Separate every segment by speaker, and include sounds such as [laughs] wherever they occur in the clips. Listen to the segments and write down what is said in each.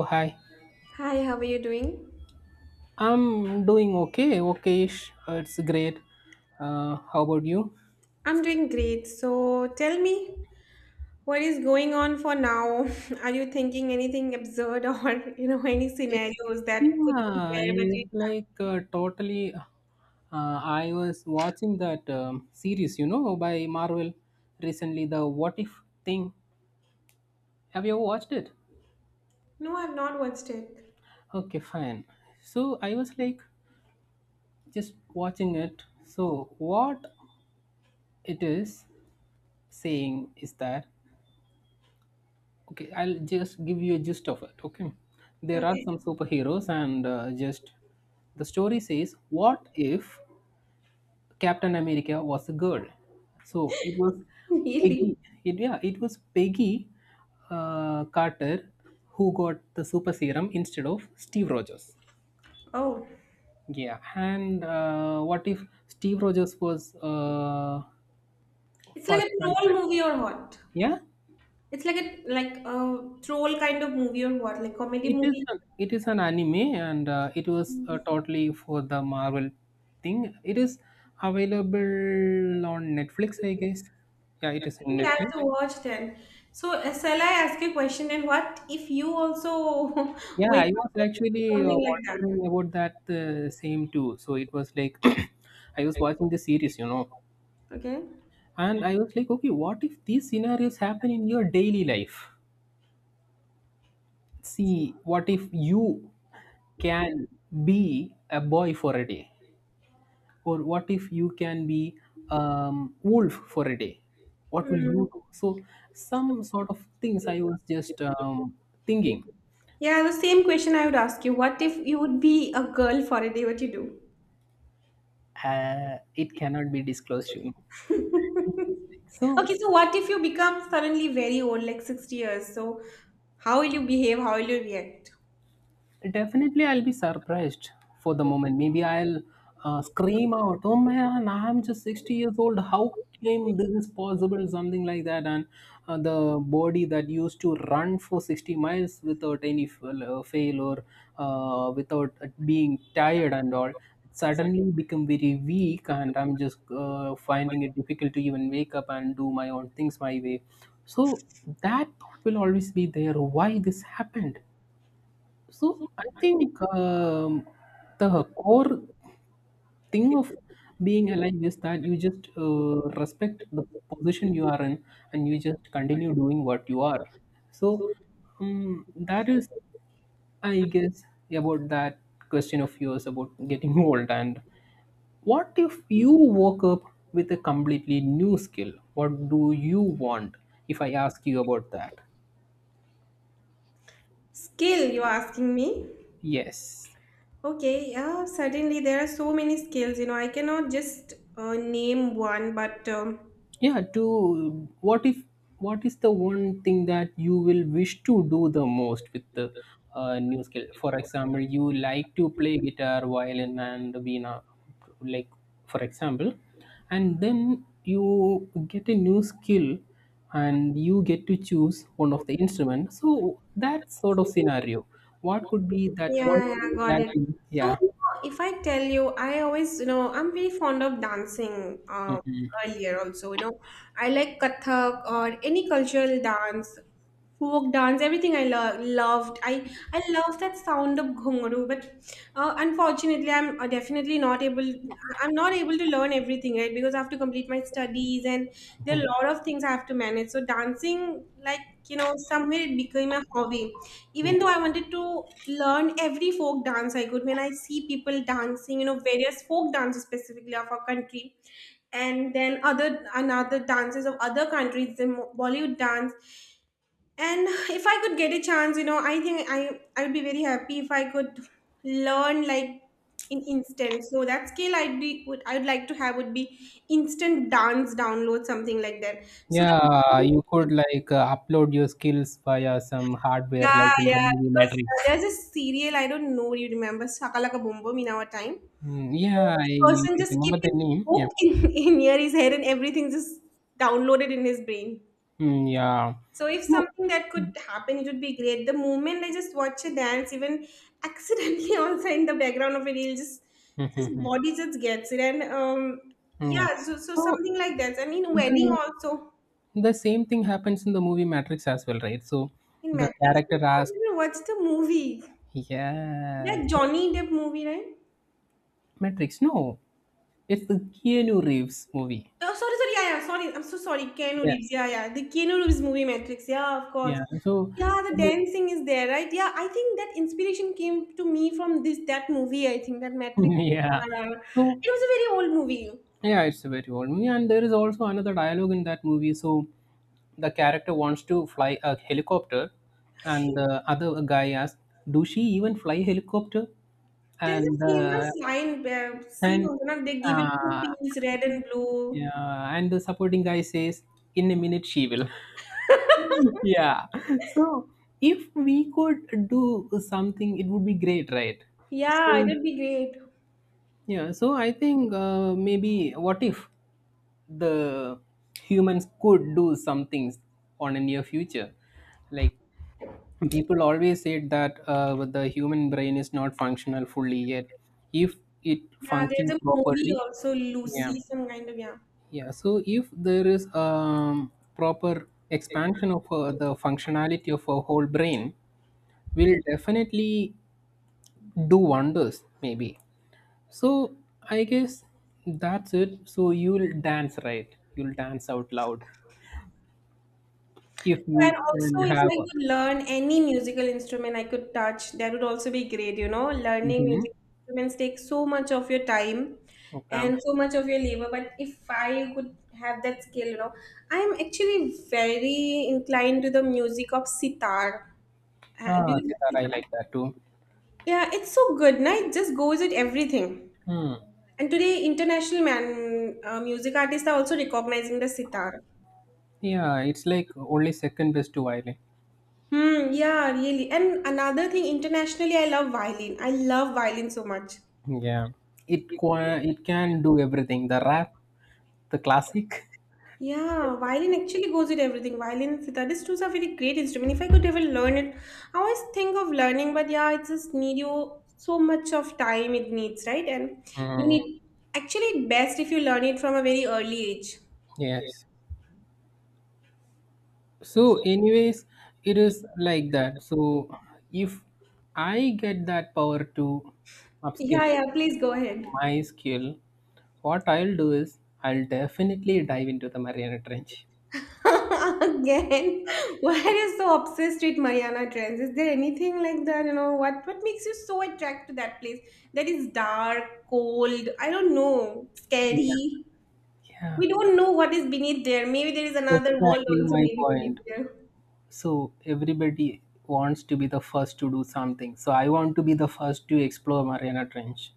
Speaker 1: Oh, hi.
Speaker 2: Hi, how are you doing?
Speaker 1: I'm doing okay, okay-ish. It's great. How about you?
Speaker 2: I'm doing great. So tell me, what is going on for now? [laughs] Are you thinking anything absurd or [laughs] any
Speaker 1: It's
Speaker 2: scenarios that could be
Speaker 1: yeah,
Speaker 2: there? But you...
Speaker 1: it's like totally. I was watching that series, you know, by Marvel recently, the What If thing. Have you ever watched it?
Speaker 2: No, I've not watched it.
Speaker 1: Okay, fine. So I was like just watching it. So what it is saying is that okay, I'll just give you a gist of it. Okay, there are
Speaker 2: Okay,
Speaker 1: some superheroes, and just the story says, what if Captain America was a girl? So it was
Speaker 2: [laughs] really?
Speaker 1: Peggy. It was Peggy Carter who got the super serum instead of Steve Rogers.
Speaker 2: Oh,
Speaker 1: Yeah, and what if Steve Rogers was
Speaker 2: it's like
Speaker 1: first
Speaker 2: a troll
Speaker 1: construct?
Speaker 2: movie or what?
Speaker 1: Yeah,
Speaker 2: It's like a troll kind of movie or what? Like comedy
Speaker 1: it is
Speaker 2: movie.
Speaker 1: an, it is an anime and it was totally for the Marvel thing. It is available on Netflix, I guess. Yeah, it is in
Speaker 2: Maybe I have
Speaker 1: Netflix.
Speaker 2: to watch then. So shall I ask you a question? And what if you also [laughs]
Speaker 1: Yeah,
Speaker 2: wake
Speaker 1: I was
Speaker 2: up with
Speaker 1: actually
Speaker 2: something like that?
Speaker 1: wondering about that same too. So it was like [coughs] [clears throat] I was watching the series, you know,
Speaker 2: Okay.
Speaker 1: and I was like, okay, what if these scenarios happen in your daily life? See, what if you can be a boy for a day? Or what if you can be wolf for a day, what will
Speaker 2: Hmm.
Speaker 1: you do? So some sort of things I was just thinking.
Speaker 2: Yeah, the same question I would ask you. What if you would be a girl for a day? What you
Speaker 1: It cannot be disclosed, you know
Speaker 2: do? [laughs]
Speaker 1: so
Speaker 2: Okay, so what if you become suddenly very old, like 60 years? So how will you behave? How will you react?
Speaker 1: Definitely, I'll be surprised for the moment. Maybe I'll scream out, "Oh man, I'm just 60 years old. How came this is possible?" Something like that. And the body that used to run for 60 miles without any fail or without being tired and all suddenly become very weak and I'm just finding it difficult to even wake up and do my own things my way. So that thought will always be there, why this happened. So I think the core thing of being alive is that you just respect the position you are in and you just continue doing what you are. So that is, I guess, about that question of yours about getting [laughs] old. And what if you woke up with a completely new skill? What do you want? If I ask you about that,
Speaker 2: Skill, you're asking me?
Speaker 1: yes.
Speaker 2: Okay, yeah, certainly there are so many skills. You know, I cannot just name one, but
Speaker 1: Yeah, to what if what is the one thing that you will wish to do the most with the new skill? For example, you like to play guitar, violin, and veena, like for example, and then you get a new skill and you get to choose one of the instrument. So that sort of scenario, what could be that? What
Speaker 2: yeah, yeah, got
Speaker 1: that
Speaker 2: it. So
Speaker 1: yeah.
Speaker 2: if I tell you, I always, I'm very fond of dancing earlier also. I like Kathak or any cultural dance, folk dance, everything. I loved, I love that sound of ghungru, but unfortunately I'm, definitely not able. I'm not able to learn everything, right? Because I have to complete my studies and there are a lot of things I have to manage, so dancing, like, somewhere it became a hobby, even
Speaker 1: Mhm.
Speaker 2: though I wanted to learn every folk dance I could. When I see people dancing, various folk dances specifically of our country, and then other another dances of other countries, the Bollywood dance, and if I could get a chance, I think I would be very happy if I could learn, like, in instant. So that skill I would like to have would be instant dance download, something like that. So the
Speaker 1: Yeah, you could like upload your skills via some hardware,
Speaker 2: yeah,
Speaker 1: like in the
Speaker 2: yeah,
Speaker 1: movie
Speaker 2: because
Speaker 1: Matrix.
Speaker 2: there's a serial, I don't know, you remember Shakalaka Boom Boom in our time?
Speaker 1: Mm,
Speaker 2: So
Speaker 1: yeah, I
Speaker 2: the person just
Speaker 1: remember
Speaker 2: keep
Speaker 1: the
Speaker 2: his
Speaker 1: name. Yeah,
Speaker 2: book in, [laughs] in near his head and everything just downloaded in his brain.
Speaker 1: mm, yeah.
Speaker 2: So if
Speaker 1: So,
Speaker 2: something that could happen, it would be great. The moment I just watch a dance, even accidentally, [laughs] also in the background of it, it just
Speaker 1: [laughs]
Speaker 2: just
Speaker 1: mhm.
Speaker 2: body just gets it. And
Speaker 1: Mm, yeah.
Speaker 2: yeah, so
Speaker 1: So
Speaker 2: something like that. And in wedding
Speaker 1: the
Speaker 2: also.
Speaker 1: the same thing happens in the movie Matrix as well, right? So
Speaker 2: In
Speaker 1: the
Speaker 2: Matrix, [laughs] I
Speaker 1: character asks,
Speaker 2: don't know, what's the movie?
Speaker 1: "Yeah,
Speaker 2: That
Speaker 1: so
Speaker 2: Johnny Depp movie, right?
Speaker 1: Matrix? No, it's the Keanu Reeves movie."
Speaker 2: Oh, sorry, sorry. Yeah, yeah. Sorry. I'm so sorry. Keanu
Speaker 1: Yeah,
Speaker 2: Reeves. Yeah, yeah. The Keanu Reeves movie Matrix. Yeah, of course.
Speaker 1: yeah. So
Speaker 2: Yeah, the dancing is there, right? Yeah, I think that inspiration came to me from this that movie. I think that
Speaker 1: [laughs]
Speaker 2: Matrix movie.
Speaker 1: yeah,
Speaker 2: Yeah, yeah.
Speaker 1: so
Speaker 2: It was a very old movie.
Speaker 1: yeah, it's a very old movie, and there is also another dialogue in that movie. So, the character wants to fly a helicopter, and the other guy asks, "Do she even fly helicopter?"
Speaker 2: There's
Speaker 1: And
Speaker 2: a
Speaker 1: uh,
Speaker 2: famous line where, see,
Speaker 1: and
Speaker 2: you know, they give you two
Speaker 1: uh,
Speaker 2: peas, red and blue.
Speaker 1: yeah, and the supporting guy says, "In a minute, she will." [laughs] Yeah. So, if we could do something, it would be great, right?
Speaker 2: Yeah,
Speaker 1: So
Speaker 2: it'll be great.
Speaker 1: yeah, so I think maybe what if the humans could do some things on a near future? Like people always said that the human brain is not functional fully yet. If it
Speaker 2: Yeah,
Speaker 1: functions
Speaker 2: there's a movie
Speaker 1: properly,
Speaker 2: also,
Speaker 1: yeah,
Speaker 2: Lucy, some kind of, yeah.
Speaker 1: yeah. So if there is proper expansion of the functionality of a whole brain, will definitely do wonders. Maybe so I guess that's it. So you'll dance, right? You'll dance out loud if
Speaker 2: And
Speaker 1: you can
Speaker 2: also, if
Speaker 1: have.
Speaker 2: I could learn any musical instrument I could touch, that would also be great. You know, learning
Speaker 1: Mhm.
Speaker 2: musical instruments takes so much of your time
Speaker 1: Okay.
Speaker 2: and so much of your labor. But if I could have that skill, you know, I'm actually very inclined to the music of sitar.
Speaker 1: Ah,
Speaker 2: Do you know
Speaker 1: sitar, I
Speaker 2: sitar?
Speaker 1: like that too.
Speaker 2: Yeah, it's so good, na? It just goes with everything.
Speaker 1: Hmm.
Speaker 2: And today, international man music artists are also recognizing the sitar.
Speaker 1: Yeah, it's like only second best to violin.
Speaker 2: Hmm, yeah, really. And another thing, internationally, I love violin. I love violin so much.
Speaker 1: Yeah, it can do everything. The rap, the classic.
Speaker 2: Yeah, violin actually goes with everything. Violin, sitar, these two are very great instrument. If I could ever learn it, I always think of learning, but, yeah, it just need you so much of time it needs, right? And you
Speaker 1: Mm,
Speaker 2: need, actually, best if you learn it from a very early age.
Speaker 1: yes. So, anyways, it is like that. So, if I get that power to upskill
Speaker 2: Yeah, yeah, please go ahead.
Speaker 1: my skill, what I'll do is I'll definitely dive into the Mariana Trench.
Speaker 2: [laughs] Again, why are you so obsessed with Mariana Trench? Is there anything like that? You know what? What makes you so attracted to that place? That is dark, cold, I don't know,
Speaker 1: Yeah.
Speaker 2: scary.
Speaker 1: Yeah,
Speaker 2: We don't know what is beneath there. Maybe there is another world
Speaker 1: exactly
Speaker 2: also,
Speaker 1: my
Speaker 2: maybe beneath
Speaker 1: point.
Speaker 2: there.
Speaker 1: So everybody wants to be the first to do something. So I want to be the first to explore Mariana Trench.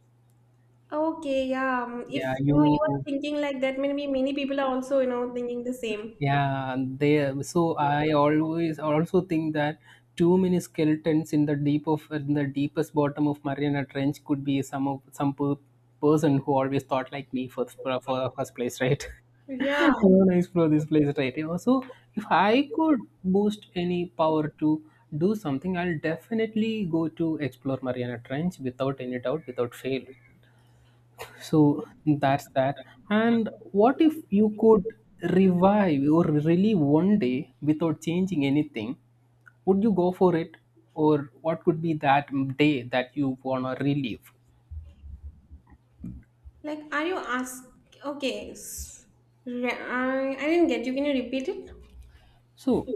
Speaker 2: Okay, yeah. If
Speaker 1: Yeah,
Speaker 2: you know, you are
Speaker 1: you
Speaker 2: thinking like that, maybe many people are also thinking the same.
Speaker 1: Yeah, they so I always also think that too many skeletons in the deepest bottom of Mariana Trench could be some of person who always thought like me for for first place, right? [laughs] I
Speaker 2: Yeah.
Speaker 1: want to explore this place, right? You know, so if I could boost any power to do something, I'll definitely go to explore Mariana Trench without any doubt, without fail. So that's that. And what if you could revive or relive one day without changing anything? Would you go for it? Or what could be that day that you want to relive?
Speaker 2: Like, are you ask? Okay. I didn't get you. Can you repeat it?
Speaker 1: So,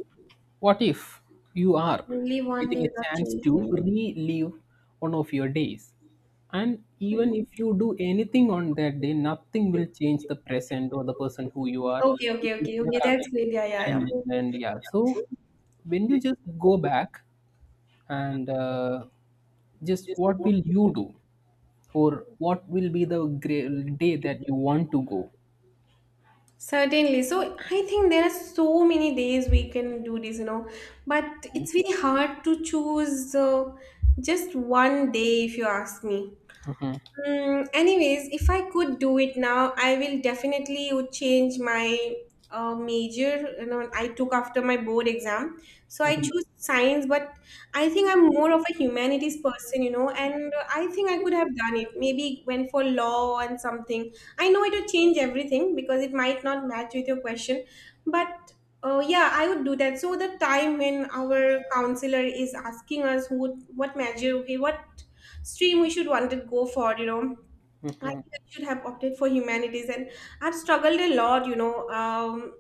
Speaker 1: what if you are
Speaker 2: Only one day
Speaker 1: getting a
Speaker 2: without
Speaker 1: chance to
Speaker 2: change.
Speaker 1: relive one of your days? And
Speaker 2: I
Speaker 1: even
Speaker 2: know.
Speaker 1: if you do anything on that day, nothing will change the present or the person who you are.
Speaker 2: Okay,
Speaker 1: It
Speaker 2: okay,
Speaker 1: will
Speaker 2: okay,
Speaker 1: never
Speaker 2: okay. That's
Speaker 1: affect
Speaker 2: great. Yeah, yeah, yeah.
Speaker 1: the time. And, yeah, so when you just go back and just what will you do, or what will be the great day that you want to go?
Speaker 2: Certainly. So I think there are so many days we can do this, but it's very hard to choose, just one day, if you ask me.
Speaker 1: Hmm.
Speaker 2: Mm, anyways, if I could do it now, I will definitely would change my, major. You know, I took after my board exam, so I
Speaker 1: Hmm.
Speaker 2: choose science. But I think I'm more of a humanities person, you know, and I think I could have done it. Maybe went for law and something. I know it would change everything because it might not match with your question, but. Yeah, I would do that. So the time when our counselor is asking us, who, what measure, okay, what stream we should wanted go for, I
Speaker 1: Hmm.
Speaker 2: think I should have opted for humanities, and I've struggled a lot,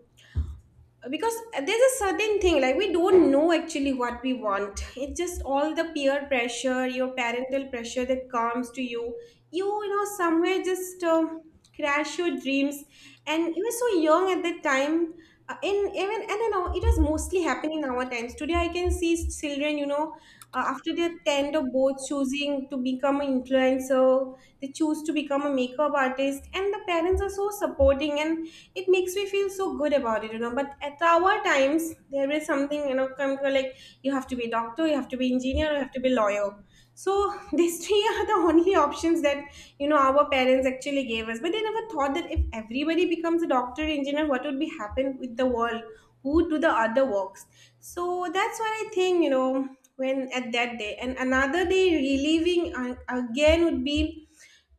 Speaker 2: because, there's a certain thing, like we don't know actually what we want. It's just all the peer pressure, your parental pressure, that comes to you. You you know somewhere just, crash your dreams, and you were so young at that time. In Even I don't know, it was mostly happening in our times. Today I can see children, after their 10th or both, choosing to become an influencer. They choose to become a makeup artist and the parents are so supporting, and it makes me feel so good about it, but at our times there is something, come to, like, you have to be doctor, you have to be engineer, you have to be lawyer. So [laughs] these three are the only options that, you know, our parents actually gave us, but they never thought that if everybody becomes a doctor, engineer, what would be happen with the world, who do the other works. So that's what I think, when at that day. And another day reliving, again would be,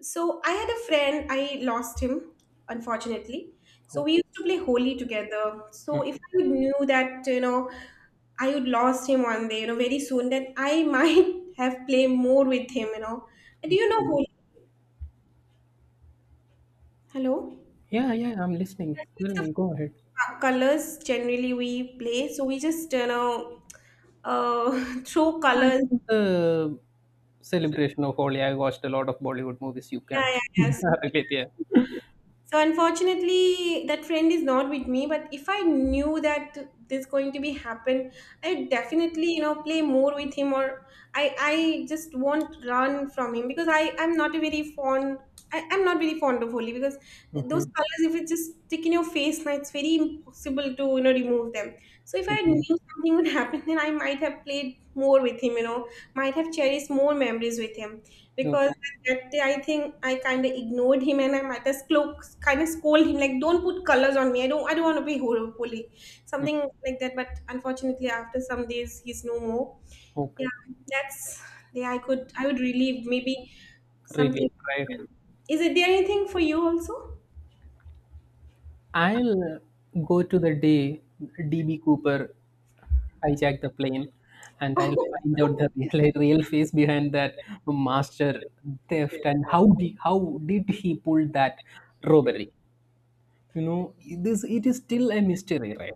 Speaker 2: so I had a friend, I lost him, unfortunately. So
Speaker 1: Oh.
Speaker 2: we used to play Holi together. So if I [laughs] would knew that, I would lost him one day, very soon, then I might [laughs] have played more with him. And do you know Holi? Hello? Yeah,
Speaker 1: Yeah, yeah, I'm listening. Tell
Speaker 2: so it's
Speaker 1: me, go ahead.
Speaker 2: the [laughs] colors generally we play. So we just, [laughs] throw colors.
Speaker 1: And the celebration of Holi, I watched a lot of Bollywood movies. You
Speaker 2: Yeah,
Speaker 1: can
Speaker 2: yeah,
Speaker 1: [laughs]
Speaker 2: yeah. So,
Speaker 1: relate, yeah.
Speaker 2: So unfortunately, that friend is not with me. But if I knew that this going to be happen, I definitely, play more with him, or I just won't run from him, because I'm not a very fond. I'm not very fond of Holi, because those
Speaker 1: Hmm.
Speaker 2: colors, if it just stick in your face, now it's very impossible to, remove them. So if I
Speaker 1: Hmm.
Speaker 2: knew something would [laughs] happen, then I might have played more with him. You know, might have cherished more memories with him, because
Speaker 1: Okay.
Speaker 2: that day I think I kind of ignored him, and I might as well kind of scold him, like, don't put colors on me. I don't want to be holy,
Speaker 1: Mhm.
Speaker 2: something like that. But unfortunately, after some days, he's no more. Yeah,
Speaker 1: Okay.
Speaker 2: that's, yeah, I would relieve maybe something.
Speaker 1: Really, right?
Speaker 2: Is it there anything for you also?
Speaker 1: I'll go to the day DB Cooper hijacked the plane, and I'll find out the
Speaker 2: [laughs]
Speaker 1: [laughs] real face behind that master theft and how did he pull that robbery? You know, this it is still a mystery, right?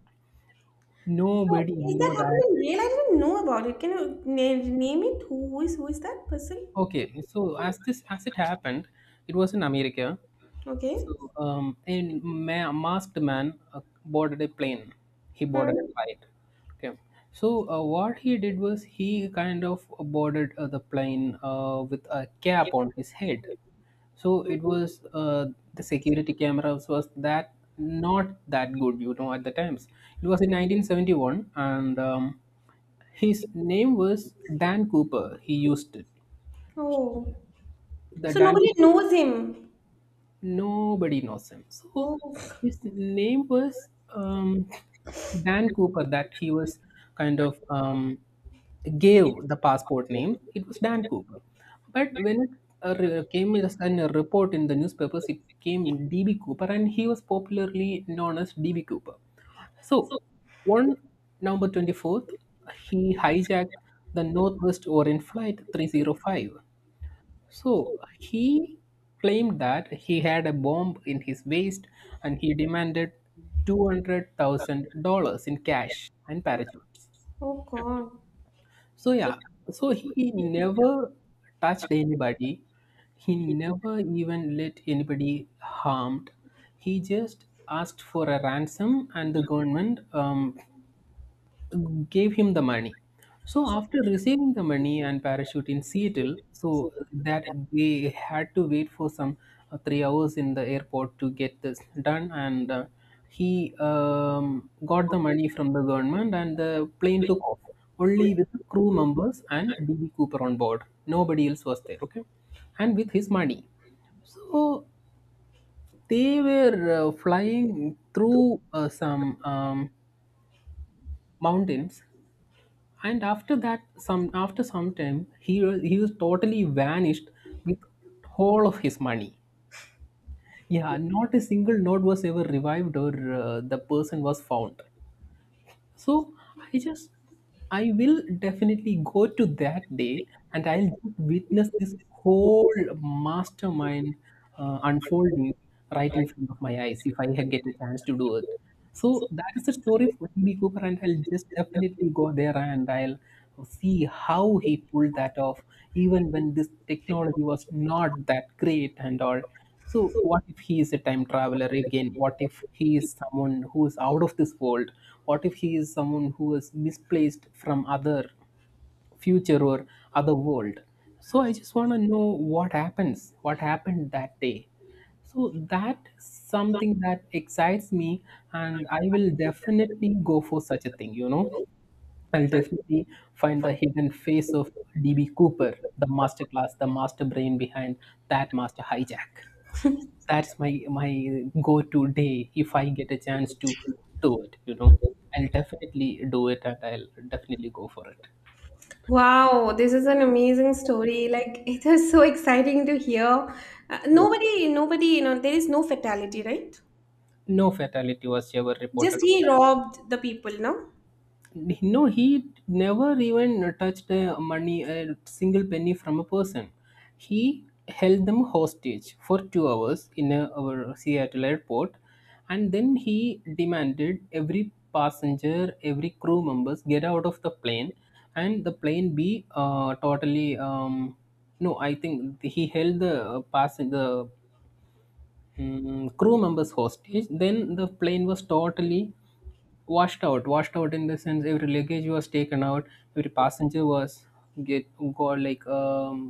Speaker 2: So
Speaker 1: Nobody
Speaker 2: is
Speaker 1: know
Speaker 2: that happened
Speaker 1: that.
Speaker 2: in real? I didn't know about it. Can you name it? Who is that person?
Speaker 1: Okay, so as this as it happened, it was in America.
Speaker 2: Okay.
Speaker 1: So a masked man boarded a plane. He boarded a
Speaker 2: Hmm.
Speaker 1: flight. Okay, so what he did was he kind of boarded the plane with a cap on his head. So it was the security cameras was that not that good, you know, at the times. It was in 1971, and his name was Dan Cooper. He used it.
Speaker 2: Oh.
Speaker 1: The
Speaker 2: So
Speaker 1: Dan.
Speaker 2: nobody knows him.
Speaker 1: Nobody knows him. So
Speaker 2: Oh,
Speaker 1: his name was um, Dan Cooper, that he was kind of gave the passport name. It was Dan Cooper. But when it came as a report in the newspapers, it came DB Cooper, and he was popularly known as DB Cooper. So, on November 24th, he hijacked the Northwest Orient Flight 305. So he claimed that he had a bomb in his waist and he demanded $200,000 in cash and parachutes.
Speaker 2: oh God.
Speaker 1: So, yeah, so he never touched anybody. He never even let anybody harmed. He just asked for a ransom and the government gave him the money. So after receiving the money and parachute in Seattle, so that they had to wait for some 3 hours in the airport to get this done, and he got the money from the government, and the plane took off only with the crew members and DB Cooper on board. Nobody else was there. Okay, and with his money. So they were flying through some mountains and after that some after some time he was totally vanished with whole of his money. Yeah, not a single note was ever revived or the person was found. So I just I will definitely go to that day and I'll just witness this whole mastermind unfolding right in front of my eyes if I get a chance to do it. So that is the story of T B. Cooper, and I'll just definitely go there and I'll see how he pulled that off, even when this technology was not that great and all. So, what if he is a time traveler again? What if he is someone who is out of this world? What if he is someone who is misplaced from other future or other world? So, I just want to know what happens, what happened that day. So, that is something that excites me, and I will definitely go for such a thing, you know. I'll definitely find the hidden face of DB Cooper, the masterclass, the master brain behind that master hijack. That's my my go-to day if I get a chance to do it. You know, I'll definitely do it, and I'll definitely go for it.
Speaker 2: Wow, this is an amazing story. Like, [laughs] it is so exciting to hear. Uh,
Speaker 1: Yeah.
Speaker 2: nobody, nobody, there is no fatality, right?
Speaker 1: No fatality was ever
Speaker 2: Just
Speaker 1: reported. On
Speaker 2: he robbed the people, no?
Speaker 1: no, he never even touched money, a single penny from a person. He held them hostage for 2 hours in a, our Seattle airport, and then he demanded every passenger, every crew members get out of the plane, and the plane be totally. No, I think he held the passenger, mm, crew members hostage then the plane was totally washed out in the sense every luggage was taken out, every passenger was get got like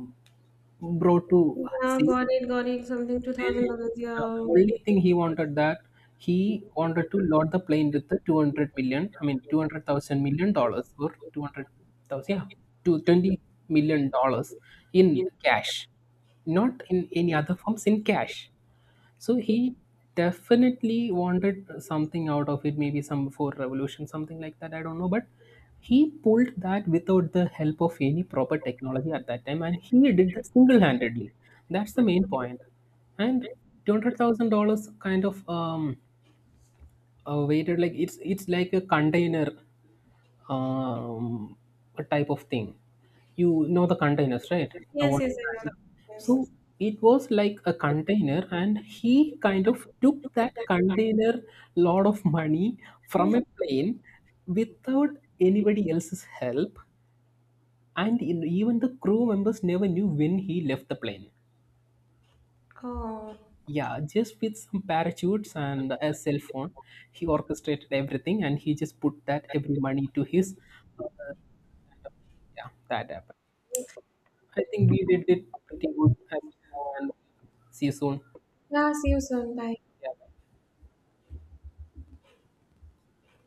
Speaker 1: brought to
Speaker 2: Yeah,
Speaker 1: safe.
Speaker 2: got it, got it. Something two
Speaker 1: Then
Speaker 2: thousand dollars.
Speaker 1: yeah,
Speaker 2: Yeah.
Speaker 1: only thing he wanted that he wanted to load the plane with the 200 million, I mean 200,000 million dollars or 200,000, yeah, to 20 million dollars in cash, not in any other forms, in cash. So he definitely wanted something out of it, maybe some for revolution, something like that. I don't know, but he pulled that without the help of any proper technology at that time, and he did that single-handedly. That's the main point. And $200,000 kind of weighted like it's like a container, um, a type of thing. You know the containers, right? The
Speaker 2: Yes,
Speaker 1: water.
Speaker 2: yes, I know that.
Speaker 1: So
Speaker 2: [laughs]
Speaker 1: it was like a container, and he kind of took that container lot of money from
Speaker 2: Yes.
Speaker 1: a plane without anybody else's help, and in, even the crew members never knew when he left the plane.
Speaker 2: Oh.
Speaker 1: Yeah, just with some parachutes and a cell phone, he orchestrated everything, and he just put that every money to his. Uh, yeah, that happened. I think we did it pretty good. And see you soon.
Speaker 2: Yeah, see you soon. Bye.
Speaker 1: Yeah.